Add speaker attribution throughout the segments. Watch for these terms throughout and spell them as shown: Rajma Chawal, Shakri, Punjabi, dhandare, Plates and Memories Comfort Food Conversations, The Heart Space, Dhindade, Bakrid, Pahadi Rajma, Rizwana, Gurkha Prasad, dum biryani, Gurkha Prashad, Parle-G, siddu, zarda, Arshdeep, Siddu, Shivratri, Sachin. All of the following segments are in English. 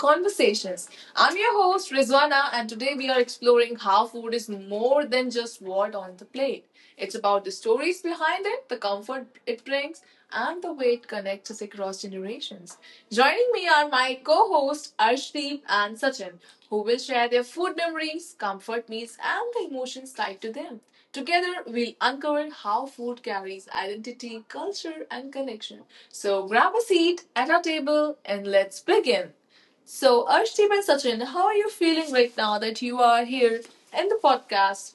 Speaker 1: Conversations. I'm your host, Rizwana, and today we are exploring how food is more than just what on the plate. It's about the stories behind it, the comfort it brings, and the way it connects us across generations. Joining me are my co hosts, Arshdeep and Sachin, who will share their food memories, comfort meals, and the emotions tied to them. Together, we'll uncover how food carries identity, culture, and connection. So, grab a seat at our table and let's begin. So, Arshdeep and Sachin, how are you feeling right now that you are here in the podcast?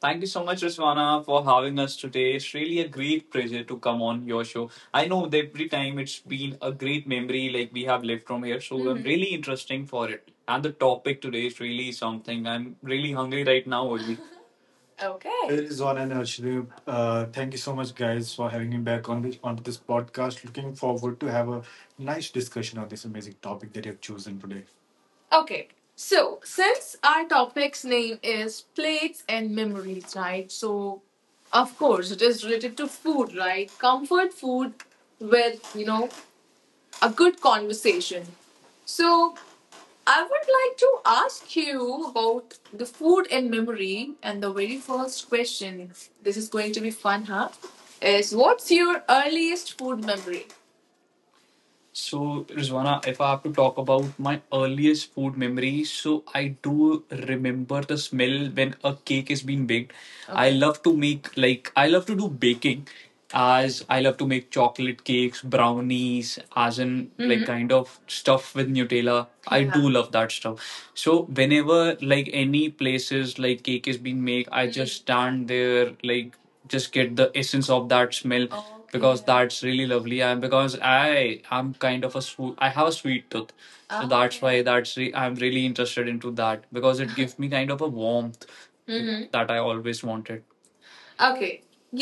Speaker 1: Thank you so much, Ruswana, for having us today. It's really a great pleasure to come on your show. I know that every time it's been a great memory like we have left from here, so mm-hmm. I'm Mhm. really interesting for it. And the topic today is really something. I'm really hungry right now. Only. Okay. It is on and Ashraf. Thank you so much, guys, for having me back on this podcast. Looking forward to have a nice discussion on this amazing topic that you have chosen today. Okay. So, since our topic's name is plates and memories, right? So, of course, it is related to food, right? Comfort food with, you know, a good conversation. So, I would like to ask you about the food in memory. And the very first question, this is going to be fun, huh? Is what's your earliest food memory? So, Rizwana, if I have to talk about my earliest food memory, so I do remember the smell when a cake is being baked. I Okay. love to make, like, I love to do baking as I love to make chocolate cakes, brownies, as in, like, kind of stuff with Nutella. I Yeah. do love that stuff. So, whenever, like, any places, like, cake is being made, I Mm. just stand there, like, just get the essence of that smell Oh, because Okay. that's really lovely and because I am kind of a sweet I have a sweet tooth so Ah, that's Okay. why that's I'm really interested into that because it gives me kind of a warmth Mhm. that I always wanted. Okay,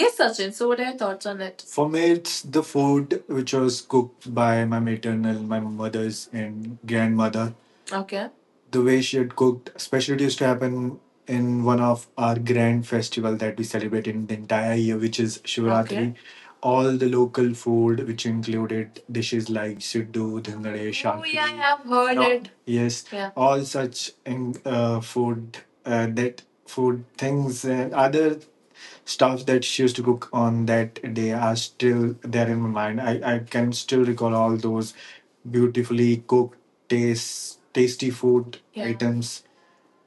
Speaker 1: yes, Sachin, so what are your thoughts on it? For me, it's the food which was cooked by my maternal, my mother's, and grandmother. Okay, the way she had cooked, especially it used to happen in one of our grand festival that we celebrate in the entire year, which is Okay. Shivratri. Okay. All the local food, which included dishes like siddu, dhandare, Shakri. Oh yeah, I have heard no, it. Yes, Yeah. all such in, food, that food things and other stuff that she used to cook on that day are still there in my mind. I can still recall all those beautifully cooked taste tasty food Yeah. items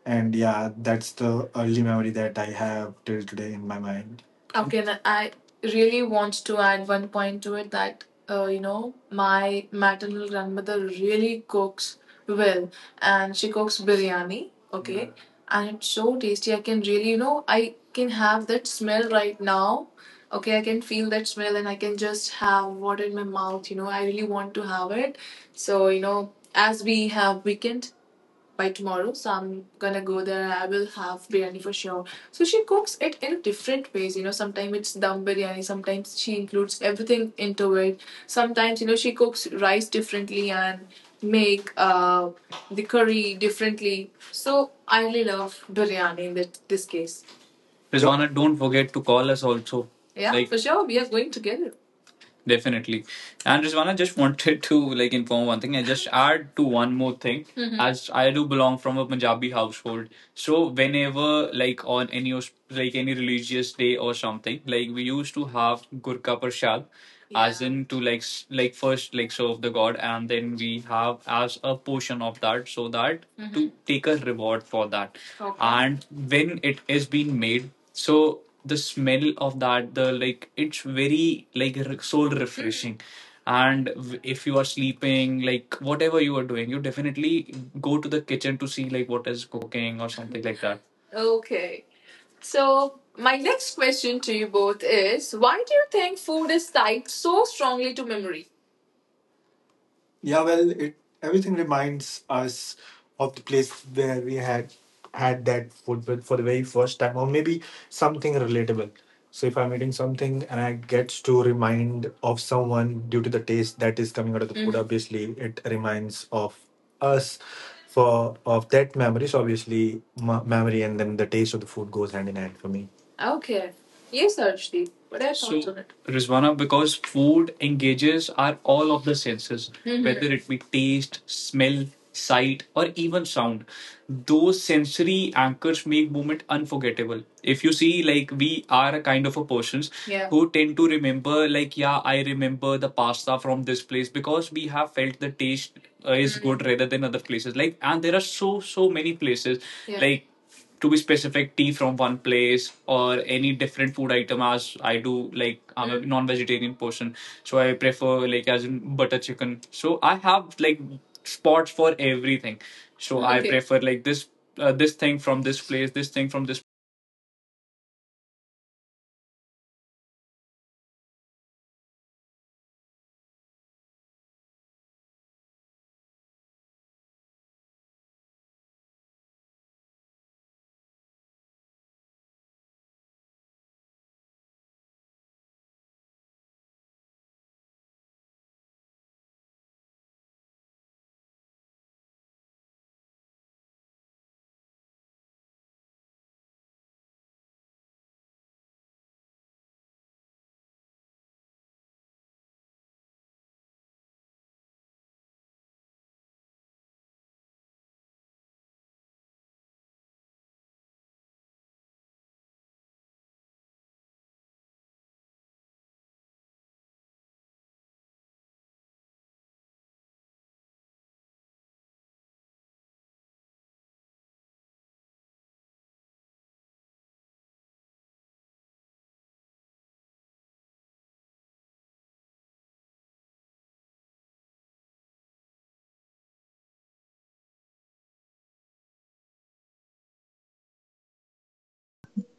Speaker 1: and yeah, that's the early memory that I have till today in my mind. Okay, then I really want to add one point to it that you know my maternal grandmother really cooks well, and she cooks biryani. Okay, Yeah. and it's so tasty. I can really you know I can have that smell right now. Okay, I can feel that smell and I can just have what in my mouth. You know, I really want to have it. So you know, as we have weekend by tomorrow, so I'm gonna go there. I will have biryani for sure. So she cooks it in different ways, you know. Sometimes it's dum biryani, sometimes she includes everything into it. Sometimes, you know, she cooks rice differently and make the curry differently. So I really love biryani in this case. Rizwana, don't forget to call us also. Yeah, for sure. We are going together. Definitely. And Rizwana just wanted to like inform one thing and just add to one more thing. Mhm. As I do belong from a Punjabi household. So whenever like on any like any religious day or something, like we used to have Gurkha Prashad as Yeah. in to like like first like serve the god and then we have as a portion of that so that to Mhm. take a reward for that Okay. and when it is being made so the smell of that the like it's very like soul refreshing and if you are sleeping like whatever you are doing you definitely go to the kitchen to see like what is cooking or something like that. Okay. So, my next question to you both is why do you think food is tied so strongly to memory? Yeah, well, it everything reminds us of the place where we had had that food for the very first time, or maybe something relatable. So if I'm eating something and I get to remind of someone due to the taste that is coming out of the food, Mhm. obviously it reminds of us for of that memory. So obviously, memory and then the taste of the food goes hand in hand for me. Okay. Yes, Arshdeep. What are your thoughts on it? Rizwana, because food engages our all of the senses, Mhm. whether it be taste, smell, sight, or even sound. Those sensory anchors make movement unforgettable. If you see, like we are a kind of a persons Yeah. who tend to remember, like yeah, I remember the pasta from this place because we have felt the taste is Mhm. good rather than other places. Like, and there are so many places, Yeah. like to be specific, tea from one place or any different food item as I do like I'm a non-vegetarian person. So I prefer like as in butter chicken. So I have like spots for everything. So I Okay. prefer like this this thing from this place, this thing from this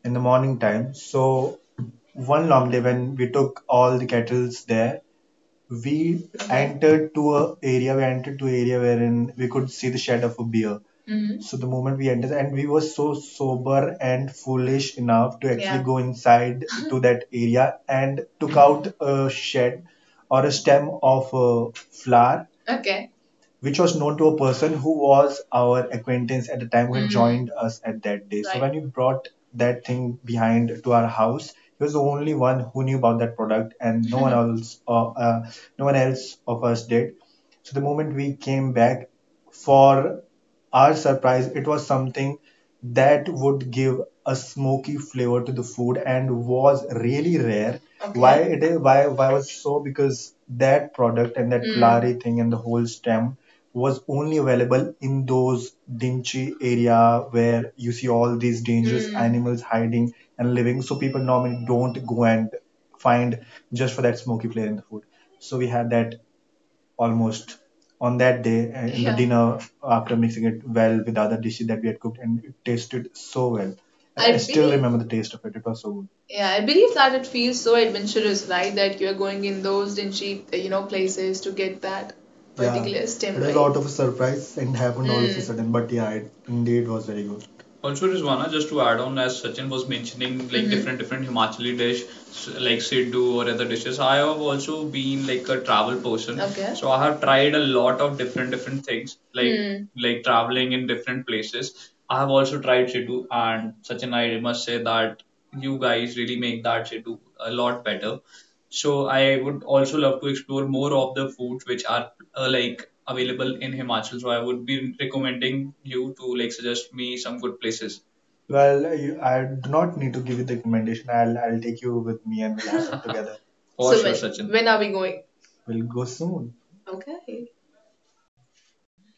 Speaker 2: In the morning time. So one long day when we took all the kettles there, we entered to a area. We entered to area wherein we could see the shed of a beer. Mm-hmm. So the moment we entered, and we were so sober and foolish enough to actually, yeah, go inside to that area and took out a shed or a stem of a flower, okay, which was known to a person who was our acquaintance at the time who had, mhm, joined us at that day. So, right, when you brought that thing behind to our house, he was the only one who knew about that product, and no one else, no one else of us did. So the moment we came back, for our surprise, it was something that would give a smoky flavor to the food and was really rare. Why, okay. Why it is why was so? Because that product and that, mm, flowery thing and the whole stem was only available in those dingy area where you see all these dangerous, mm, animals hiding and living. So people normally don't go and find just for that smoky flavor in the food. So we had that almost on that day and in the, yeah, dinner after mixing it well with the other dishes that we had cooked and it tasted so well. I still believe remember the taste of it. It was so good. Yeah, I believe that it feels so adventurous, right? That you're going in those dingy places to get that, yeah, particular stem, it was, right, out of a surprise and happened all of a, mm, sudden. But yeah, it indeed was very good. Also, Rizwana, just to add on, as Sachin was mentioning, like, mhm, different Himachali dish, like Siddu or other dishes. I have also been like a travel person, okay, so I have tried a lot of different things, like, hmm, like traveling in different places. I have also tried Siddu, and Sachin, I must say that you guys really make that Siddu a lot better. So I would also love to explore more of the foods which are like available in Himachal. So I would be recommending you to like suggest me some good places. Well, you, I do not need to give you the recommendation. I'll take you with me and we'll have fun together. For So sure, when Sachin. When are we going? We'll go soon. Okay.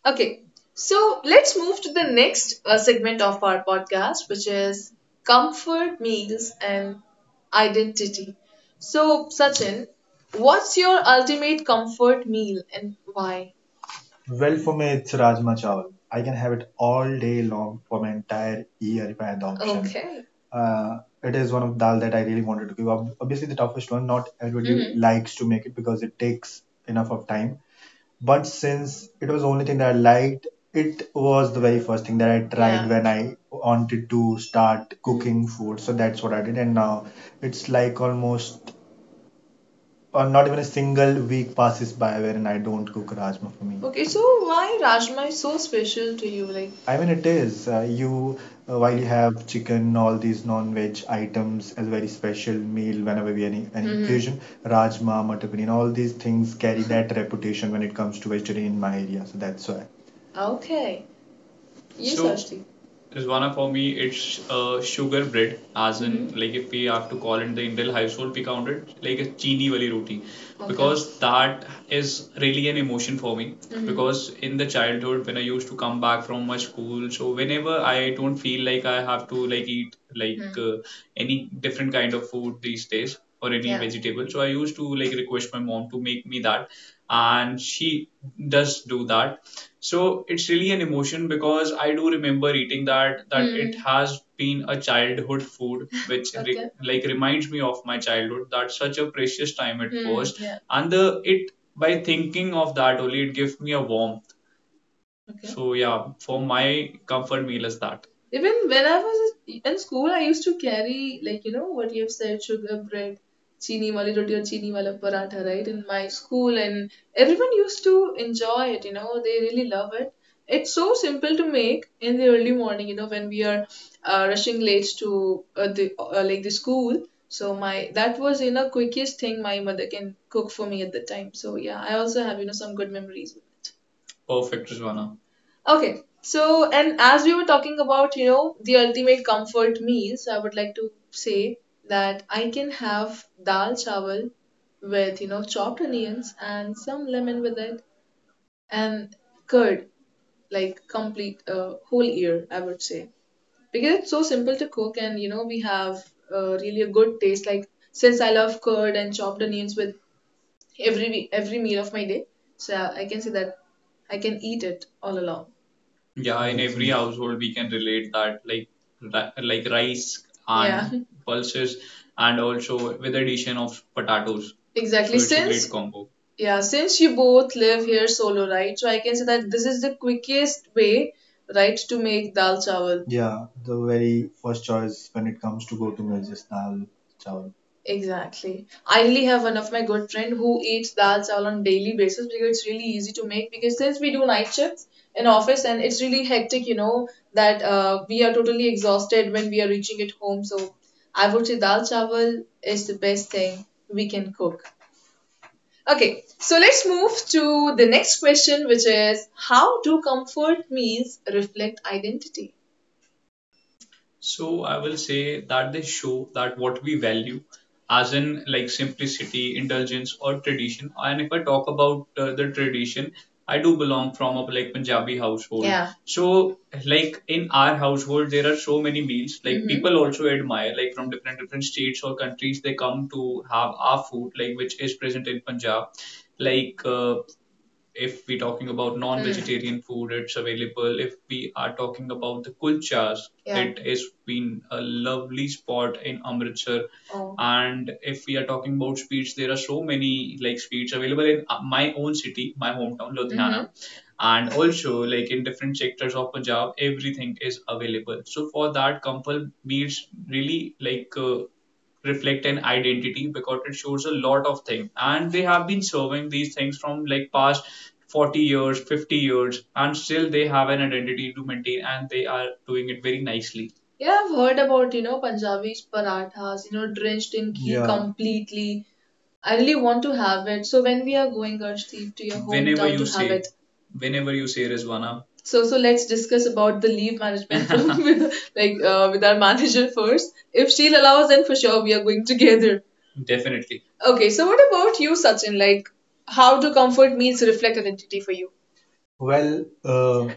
Speaker 2: Okay, so let's move to the next segment of our podcast, which is comfort meals and identity. So, Sachin, what's your ultimate comfort meal and why? Well, for me, it's Rajma Chawal. I can have it all day long for my entire year if I had the option. Okay. It is one of dal that I really wanted to give up. Obviously, the toughest one. Not everybody, hmm, likes to make it because it takes enough of time. But since it was the only thing that I liked, it was the very first thing that I tried, yeah, when I wanted to start, mm, cooking food. So that's what I did. And now it's like almost or not even a single week passes by wherein I don't cook rajma for me. Okay, so why Rajma is so special to you? Like, I mean, it is. You, while you have chicken, all these non-veg items as a very special meal whenever we, any, hmm, occasion, rajma, mutton, paneer, all these things carry that reputation when it comes to vegetarian in my area. So that's why. Okay. Yes, so, Ashti. Because one for me, it's sugar bread, as in, mm-hmm, like if we have to call it the Indian household, we count it like a chini wali roti, okay, because that is really an emotion for me. Mm-hmm. Because in the childhood, when I used to come back from my school, so whenever I don't feel like I have to like eat like any different kind of food these days, or any, yeah, vegetable, so I used to like request my mom to make me that and she does do that. So it's really an emotion because I do remember eating that, hmm, it has been a childhood food which okay. Okay, like reminds me of my childhood, that such a precious time it, hmm, was, yeah, and the it by thinking of that only it gives me a warmth. Okay. So yeah, for my comfort meal is that. Even when I was in school, I used to carry, like, you know, what you've said, sugar bread, chini wali roti or chini wala paratha, right? In my school, and everyone used to enjoy it, you know, they really love it. It's so simple to make in the early morning, you know, when we are rushing late to the like the school. So my that was, you know, quickest thing my mother can cook for me at the time. So yeah, I also have, you know, some good memories with it. Perfect, Rizwana. Okay. So, and as we were talking about, you know, the ultimate comfort meals, I would like to say that I can have dal chawal with, you know, chopped onions and some lemon with it and curd, like complete whole ear, I would say. Because it's so simple to cook and, you know, we have really a good taste. Like, since I love curd and chopped onions with every meal of my day, so I can say that I can eat it all along. Yeah, in every, exactly, household we can relate that, like, like rice, yeah, and pulses, and also with addition of potatoes, exactly. So it's a great, since, combo. Yeah, since you both live here solo, right? So I can say that this is the quickest way, right, to make dal chawal. Yeah, the very first choice when it comes to go to meals is dal chawal. Exactly. I really have one of my good friend who eats dal chawal on daily basis because it's really easy to make because since we do night shifts in office and it's really hectic, you know, that we are totally exhausted when we are reaching at home. So I would say dal chawal is the best thing we can cook. Okay, so let's move to the next question, which is how do comfort meals reflect identity? So I will say that they show that what we value, as in like simplicity, indulgence, or tradition. And if I talk about the tradition, I do belong from a like Punjabi household. Yeah. So like in our household, there are so many meals. Like, hmm, people also admire, like from different states or countries, they come to have our food, like which is present in Punjab. Like. If we're talking about non-vegetarian, mm, food, it's available. If we are talking about the kulchas, yeah, it has been a lovely spot in Amritsar. Oh. And if we are talking about sweets, there are so many like sweets available in my own city, my hometown, mm-hmm, Ludhiana. Mm-hmm. And also like in different sectors of Punjab everything is available, so for that compal beads really like reflect an identity because it shows a lot of things and they have been serving these things from like past 40 years 50 years and still they have an identity to maintain and they are doing it very nicely. Yeah, I've heard about, you know, Punjabi's parathas, you know, drenched in ghee, yeah, completely. I really want to have it. So when we are going, Arshdeep, to your, whenever, hometown you to, have say it whenever, you say Rizwana. So so let's discuss about the leave management with like with our manager first. If she'll allow us, then for sure we are going together. Definitely. Okay, so what about you, Sachin? Like, how do comfort means reflect identity for you? Well,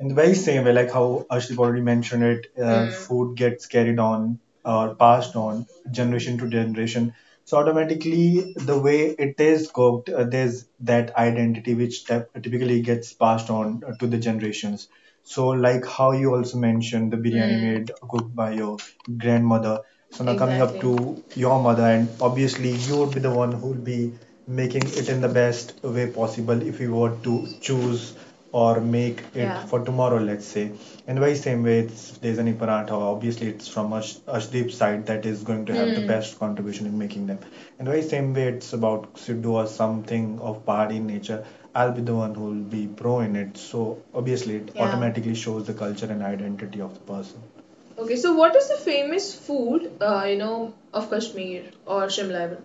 Speaker 2: in the very same way, like how Ashdeep already mentioned it, mm, food gets carried on or passed on generation to generation. So automatically, the way it is cooked, there's that identity which typically gets passed on to the generations. So like how you also mentioned the biryani, mm, made cooked by your grandmother. So now coming up, exactly, to your mother, and obviously you would be the one who will be making it in the best way possible if you were to choose or make it, yeah, for tomorrow, let's say. And by same way, it's, if there's any paratha. Obviously, it's from Ash, Ashdeep's side that is going to have the, hmm, best contribution in making them. And by same way, it's about Sidhu or something of party nature. I'll be the one who will be pro in it. So obviously, it, yeah, automatically shows the culture and identity of the person. Okay, so what is the famous food, of Kashmir or Shimla even?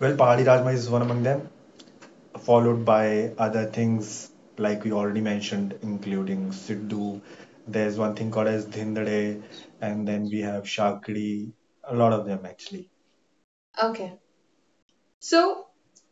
Speaker 2: Well, Pahadi Rajma is one among them, followed by other things like we already mentioned, including Sidhu. There's one thing called as Dhindade, and then we have Shakri, a lot of them actually. Okay. So,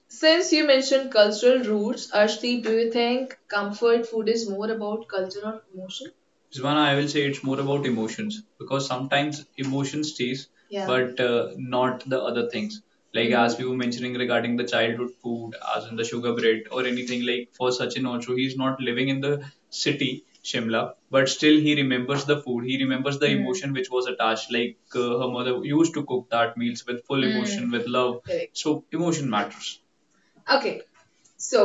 Speaker 2: since you mentioned cultural roots, Arshdeep, do you think comfort food is more about culture or emotion? Svana, I will say it's more about emotions because sometimes emotion stays, yeah, but not the other things. Like as we were mentioning regarding the childhood food, as in the sugar bread or anything. Like for Sachin also, he's not living in the city Shimla, but still he remembers the food. He remembers the emotion which was attached. Like her mother used to cook that meals with full emotion, with love. Correct. So emotion matters. Okay, so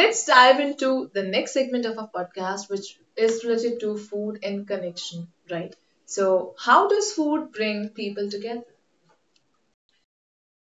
Speaker 2: let's dive into the next segment of our podcast, which is related to food and connection, right? So, how does food bring people together?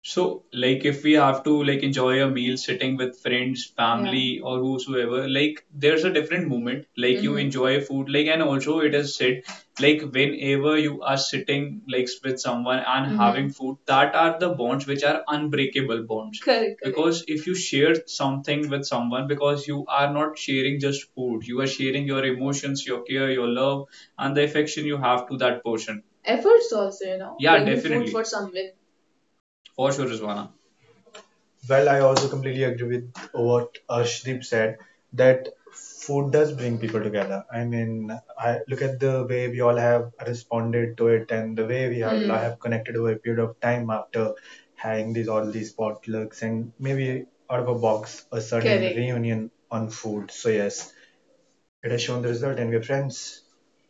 Speaker 2: So, like, if we have to like enjoy a meal sitting with friends, yeah, family, or whosoever, like, there's a different moment. Like, you enjoy food, like, and also it is said, like, whenever you are sitting like with someone and having food, that are the bonds which are unbreakable bonds. Correct, correct. Because if you share something with someone, because you are not sharing just food, you are sharing your emotions, your care, your love, and the affection you have to that person. Efforts also, yeah, bringing food definitely for someone. For sure, Rizwana. Well, I also completely agree with what Arshdeep said, that food does bring people together. I mean, I look at the way we all have responded to it and the way we all have connected over a period of time after having these all these potlucks and maybe out of a box a sudden, correct, reunion on food. So yes, it has shown the result, and we are friends.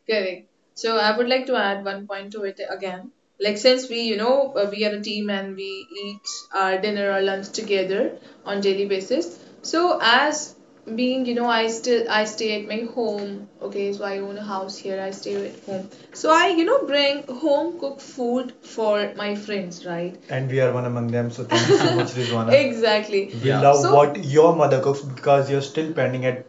Speaker 2: Correct. So I would like to add one point to it again. Like since we are a team and we eat our dinner or lunch together on daily basis. So as being, I stay at my home. Okay, so I own a house here. I stay at home. So I, bring home cooked food for my friends, right? And we are one among them. So thank you so much, Rizwana. Exactly. We, yeah, love. So what your mother cooks because you're still pending at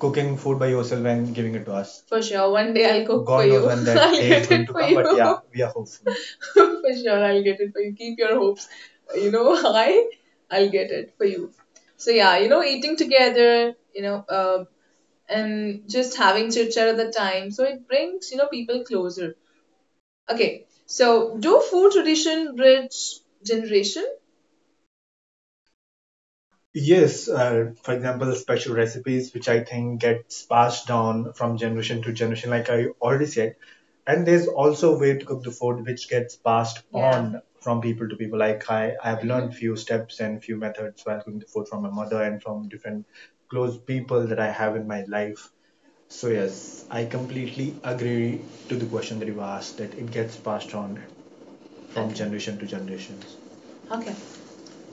Speaker 2: cooking food by yourself and giving it to us. For sure, one day I'll cook God for you. God knows when that I'll day is get going it to for come, you, but yeah, we are hopeful. For sure, I'll get it for you. Keep your hopes, high. I'll get it for you. So yeah, eating together, and just having chit chat at the time. So it brings people closer. Okay, so do food tradition bridge generation? Yes, for example, special recipes which I think gets passed down from generation to generation, like I already said. And there's also a way to cook the food which gets passed, yeah, on from people to people. Like I've learned, mm-hmm, few steps and few methods while cooking the food from my mother and from different close people that I have in my life. So yes, I completely agree to the question that you asked, that it gets passed on from, okay, generation to generations. Okay.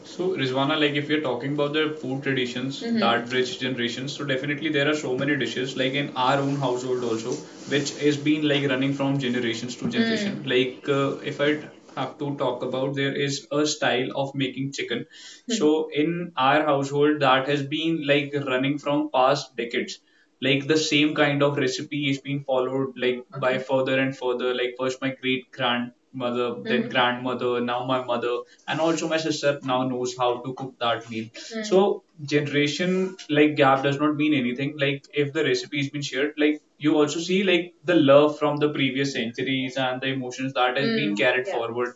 Speaker 2: So, Rizwana, like if we're talking about the food traditions, mhm, that rich generations, so definitely there are so many dishes like in our own household also, which has been like running from generations to generation. Mm. Like if I have to talk about, there is a style of making chicken. Mm-hmm. So in our household, that has been like running from past decades. Like the same kind of recipe is being followed, like by, okay, by further and further. Like first my great grandmother, then, mm-hmm, then grandmother, now my mother, and also my sister now knows how to cook that meal. Mm-hmm. So generation like gap does not mean anything. Like if the recipe has been shared, like you also see like the love from the previous centuries and the emotions that has, mm-hmm, been, mm, carried, yeah, forward.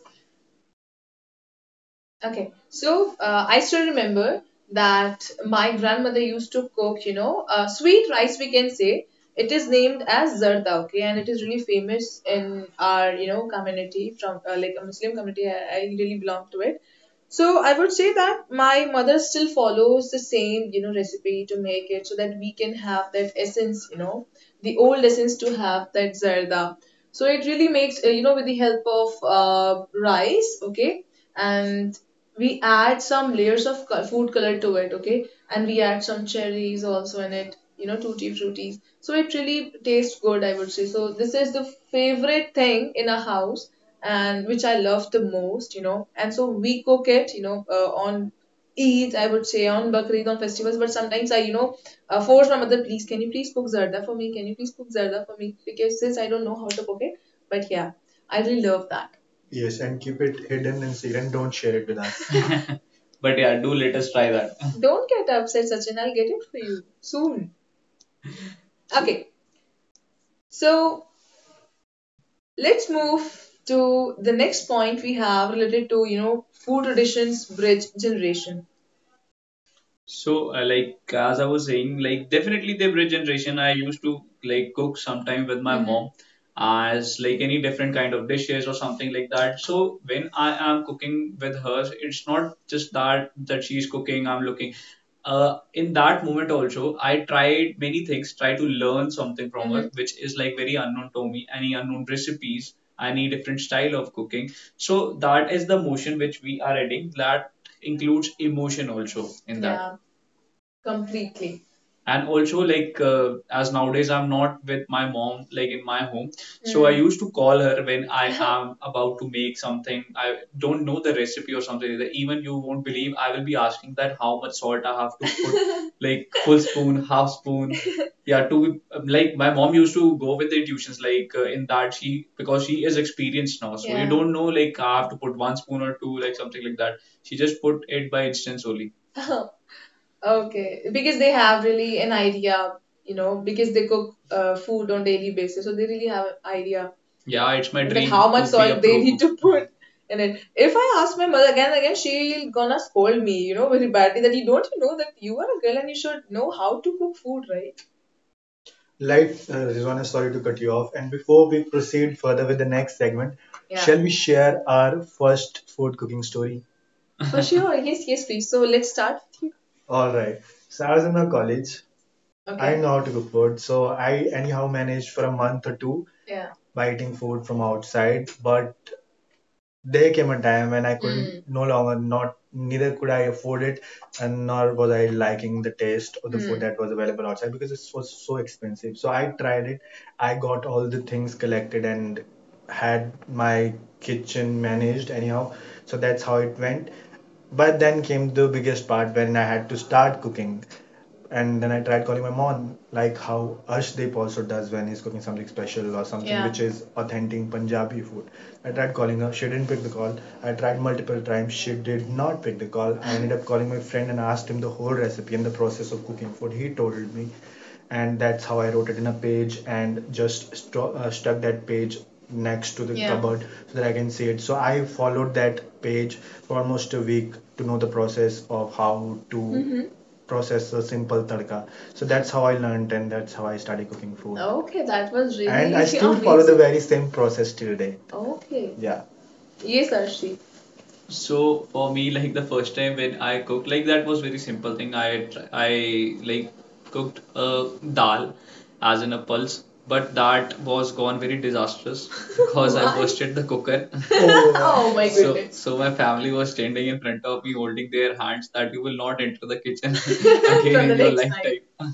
Speaker 2: Okay, so I still remember that my grandmother used to cook, sweet rice, we can say. It is named as zarda, okay, and it is really famous in our, community from like a Muslim community. I really belong to it. So I would say that my mother still follows the same, recipe to make it so that we can have that essence, the old essence to have that zarda. So it really makes, with the help of rice, okay, and we add some layers of food color to it, okay, and we add some cherries also in it, tutti fruities. So it really tastes good, I would say. So this is the favorite thing in a house, and which I love the most. And so we cook it, on eat, I would say, on Bakrid, on festivals. But sometimes I, force my mother, please, can you please cook zarda for me? Can you please cook zarda for me? Because since I don't know how to cook it. But yeah, I really love that. Yes, and keep it hidden and secret. Don't share it with us. But yeah, do let us try that. Don't get upset, Sachin. I'll get it for you soon. Okay, so let's move to the next point we have related to food traditions bridge generation. So, like as I was saying, like definitely the bread generation, I used to like cook sometime with my, mm-hmm, mom as like any different kind of dishes or something like that. So when I am cooking with her, it's not just that she's cooking, I'm looking. In that moment also, I tried many things, try to learn something from her, mm-hmm, which is like very unknown to me, any unknown recipes, any different style of cooking. So that is the motion which we are adding that includes emotion also in that. Yeah, completely. And also like as nowadays I'm not with my mom like in my home, so I, mm, used to call her when I am about to make something, I don't know the recipe or something like that. Even you won't believe, I will be asking that how much salt I have to put like full spoon, half spoon, yeah, to be like my mom used to go with the intuitions, like in that, she, because she is experienced now, so you, yeah, don't know, like I have to put one spoon or two, like something like that, she just put it by instance only. Okay, because they have really an idea, because they cook food on daily basis, so they really have an idea. Yeah, it's my like dream how much to be a salt they pro need cook to put in it. If I ask my mother again and again, she'll gonna scold me, very badly that you don't, you know, that you are a girl and you should know how to cook food, right? Like, Rizwana, sorry to cut you off. And before we proceed further with the next segment, yeah, shall we share our first food cooking story? For sure. Yes, yes, please. So let's start with you. All right. So I was in a college. Okay. I, okay, know how to cook food, so I anyhow managed for a month or two, yeah, by eating food from outside. But there came a time when I could, mm, no longer, not, neither could I afford it and nor was I liking the taste of the food, mm, that was available outside because it was so expensive. So I tried it. I got all the things collected and had my kitchen managed anyhow. So that's how it went. But then came the biggest part when I had to start cooking, and then I tried calling my mom, like how Arshdeep also does when he's cooking something special or something, yeah, which is authentic Punjabi food. I tried calling her, she didn't pick the call. I tried multiple times, she did not pick the call. I ended up calling my friend and asked him the whole recipe and the process of cooking food. He told me, and that's how I wrote it in a page and just stuck that page next to the yeah, cupboard so that I can see it. So I followed that page for almost a week to know the process of how to, mhm, process a simple tadka. So that's how I learned, and that's how I started cooking food. Okay, that was really and I still follow the amazing very same process till date. Okay. Yeah. Yes, Arshi. So for me, like the first time when I cooked, like that was very simple thing. I like cooked a dal, as in a pulse, but that was gone very disastrous because I why? Bursted the cooker. Oh, oh my so goodness so my family was standing in front of me, holding their hands that you will not enter the kitchen for again for the in your next time lifetime.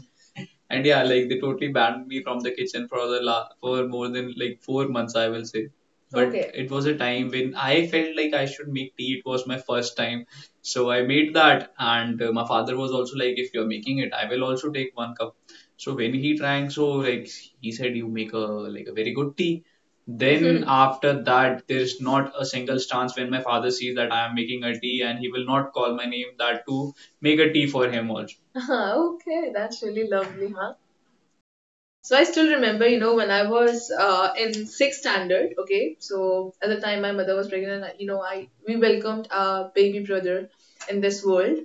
Speaker 2: And yeah, like they totally banned me from the kitchen for the la for more than like 4 months, I will say. But okay, it was a time when I felt like I should make tea. It was my first time, so I made that, and my father was also like, "If you're making it, I will also take one cup." So when he drank, so like he said, "You make a like a very good tea." Then after that, there's not a single chance when my father sees that I am making a tea, and he will not call my name that to make a tea for him also. Ah, okay, that's really lovely, huh? So I still remember, you know, when I was in sixth standard. Okay, so at the time my mother was pregnant. You know, I we welcomed our baby brother in this world.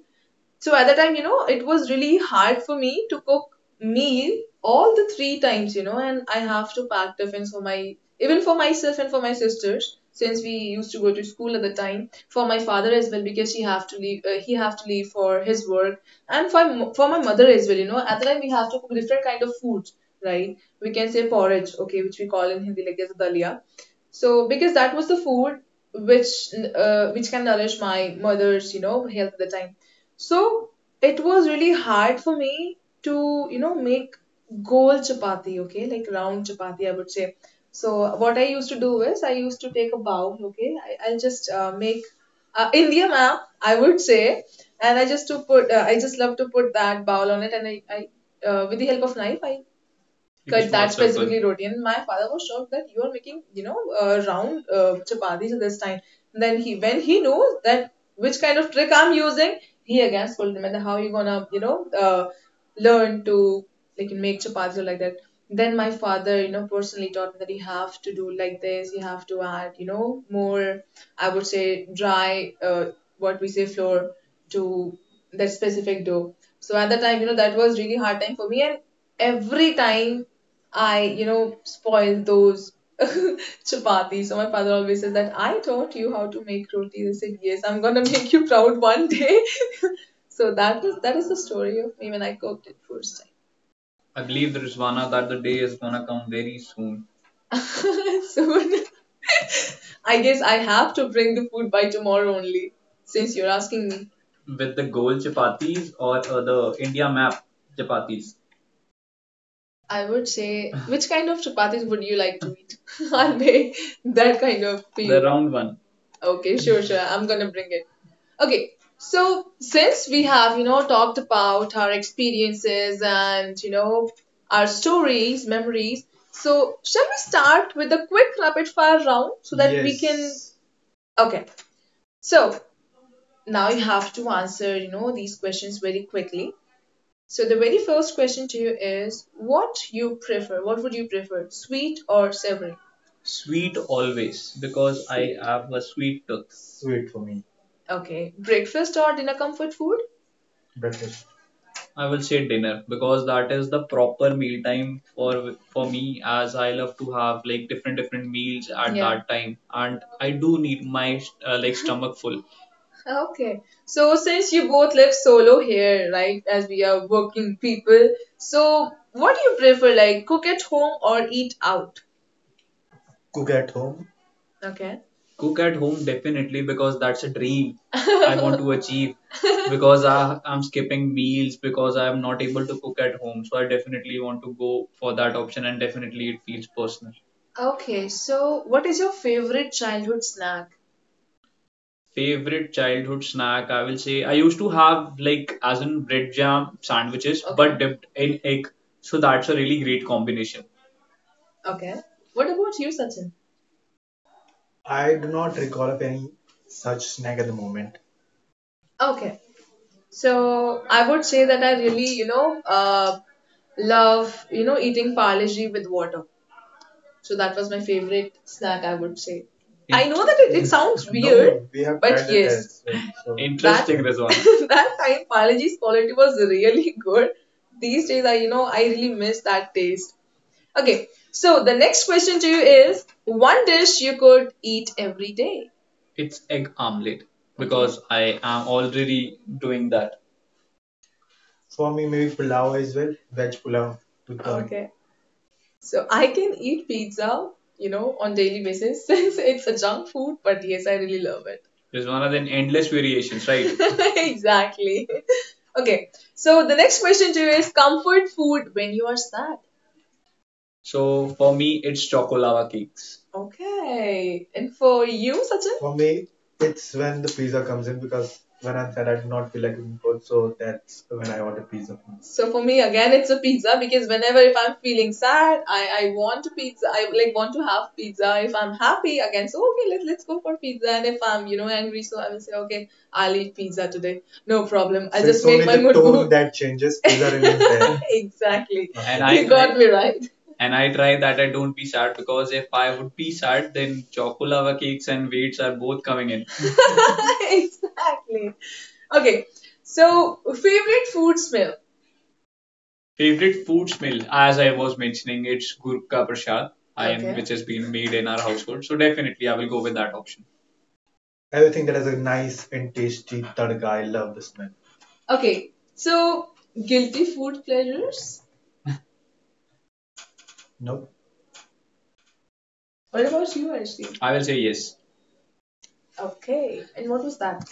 Speaker 2: So at that time, you know, it was really hard for me to cook meal all the three times, you know, and I have to pack tiffins for my even for myself and for my sisters since we used to go to school at the time, for my father as well because he have to leave he have to leave for his work, and for for my mother as well, you know, at the time we have to cook different kind of foods, right? We can say porridge, okay, which we call in Hindi like as dalia. So because that was the food which which can nourish my mother's, you know, health at the time. So it was really hard for me to, you know, make goal chapati, okay, like round chapati, I would say. So what I used to do is I used to take a bowl, okay, I'll just make India map, I would say, and I just to put, I just love to put that bowl on it, and I with the help of knife, I because that specifically roti. And my father was shocked that you are making, you know, round chapatis this time. And then he, when he knows that which kind of trick I'm using, he again scolded me that how are you gonna, you know, learn to like make chapatis or like that? Then my father, you know, personally taught me that you have to do like this. You have to add, you know, more. I would say dry, what we say flour to that specific dough. So at that time, you know, that was really hard time for me and every time I, you know, spoil those chapatis. So my father always says that I taught you how to make roti. I said, yes, I'm gonna make you proud one day. So that is the story of me when I cooked it first time. I believe, Rizwana, that the day is gonna come very soon. So I guess I have to bring the food by tomorrow only, since you're asking me. With the gold chapatis or the India map chapatis, I would say, which kind of chapatis would you like to eat? I'll make that kind of for you. The round one. Okay, sure, sure. I'm gonna bring it. Okay, so since we have, you know, talked about our experiences and, you know, our stories, memories, so shall we start with a quick rapid fire round so that we can. Yes. Okay, so now you have to answer, you know, these questions very quickly. So the very first question to you is what you prefer? What would you prefer? Sweet or savory? Sweet always because sweet. I have a sweet tooth. Sweet for me. Okay. Breakfast or dinner comfort food? Breakfast. I will say dinner because that is the proper meal time for me as I love to have like different different meals at yeah that time and I do need my like stomach full. Okay, so since you both live solo here, right, as we are working people, so what do you prefer, like cook at home or eat out? Cook at home. Okay. Cook at home definitely because that's a dream I want to achieve because I'm skipping meals because I'm not able to cook at home, so I definitely want to go for that option and definitely it feels personal. Okay, so what is your favorite childhood snack? Favorite childhood snack, I will say I used to have like as in bread jam sandwiches, okay, but okay dipped in egg. So that's a really great combination. Okay. What about you, Sachin? I do not recall of any such snack at the moment. Okay. So I would say that I really, you know, love, you know, eating Parle-G with water. So that was my favorite snack, I would say. Yeah. I know that it sounds weird. We have but tried it yes as well, so. Interesting result. That time, biology's quality was really good. These days, I you know I really miss that taste. Okay, so the next question to you is one dish you could eat every day. It's egg omelette because I am already doing that. For me, maybe pulao as well, veg pulao. With the okay, so I can eat pizza, you know, on daily basis since it's a junk food, but yes, I really love it. There's one of the endless variations, right? Exactly. Okay. So the next question to you is comfort food when you are sad. So for me, it's chocolava cakes. Okay. And for you, Sachin? For me, it's when the pizza comes in because when I'm sad, I do not feel like cooking food, so that's when I order pizza. So for me again it's a pizza because whenever if I'm feeling sad, I want pizza. I like want to have pizza. If I'm happy again, so okay, let let's go for pizza. And if I'm, you know, angry, so I will say, okay, I'll eat pizza today. No problem. I'll so just make my mood. So the mood tone mood that changes. Pizza remains there. Exactly. And okay, I, you got I me right. And I try that I don't be sad because if I would be sad, then chocolava cakes and weights are both coming in. Exactly. Okay. So, favorite food smell. Favorite food smell, as I was mentioning, it's Gurkha Prasad, okay, which has been made in our household. So definitely, I will go with that option. Everything that has a nice and tasty tadka. I love the smell. Okay. So, guilty food pleasures. No. What about you, Arshdeep? I will say yes. Okay. And what was that?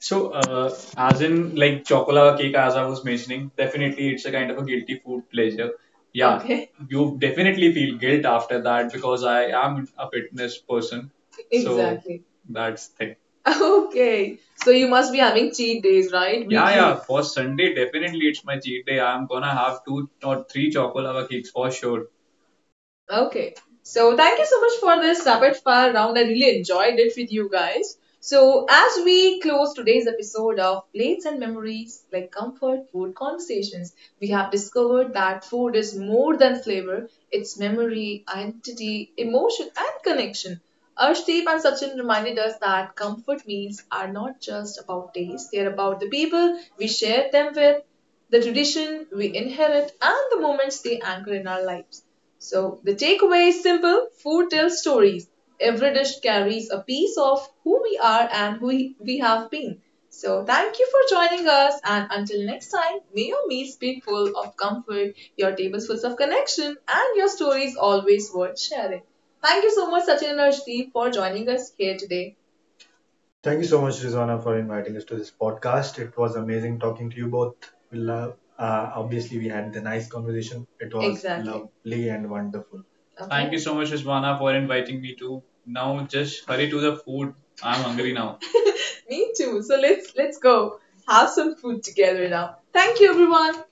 Speaker 2: So, as in like chocolate cake, as I was mentioning, definitely it's a kind of a guilty food pleasure. Yeah, okay, you definitely feel guilt after that because I am a fitness person. So exactly that's thing. Okay. So you must be having cheat days, right? Yeah, yeah. Weekly. For Sunday, definitely it's my cheat day. I'm gonna have two or three chocolate cakes for sure. Okay. So thank you so much for this rapid fire round. I really enjoyed it with you guys. So as we close today's episode of Plates and Memories, like comfort food conversations, we have discovered that food is more than flavor. It's memory, identity, emotion, and connection. Arshdeep and Sachin reminded us that comfort meals are not just about taste, they're about the people we share them with, the tradition we inherit, and the moments they anchor in our lives. So, the takeaway is simple food tells stories. Every dish carries a piece of who we are and who we have been. So, thank you for joining us, and until next time, may your meals be full of comfort, your tables full of connection, and your stories always worth sharing. Thank you so much, Sachin and Arshdeep, for joining us here today. Thank you so much, Rizwana, for inviting us to this podcast. It was amazing talking to you both. We love, obviously, we had the nice conversation. It was exactly lovely and wonderful. Okay. Thank okay you so much, Rizwana, for inviting me to. Now just hurry to the food. I'm hungry now. Me too. So let's go have some food together now. Thank you everyone.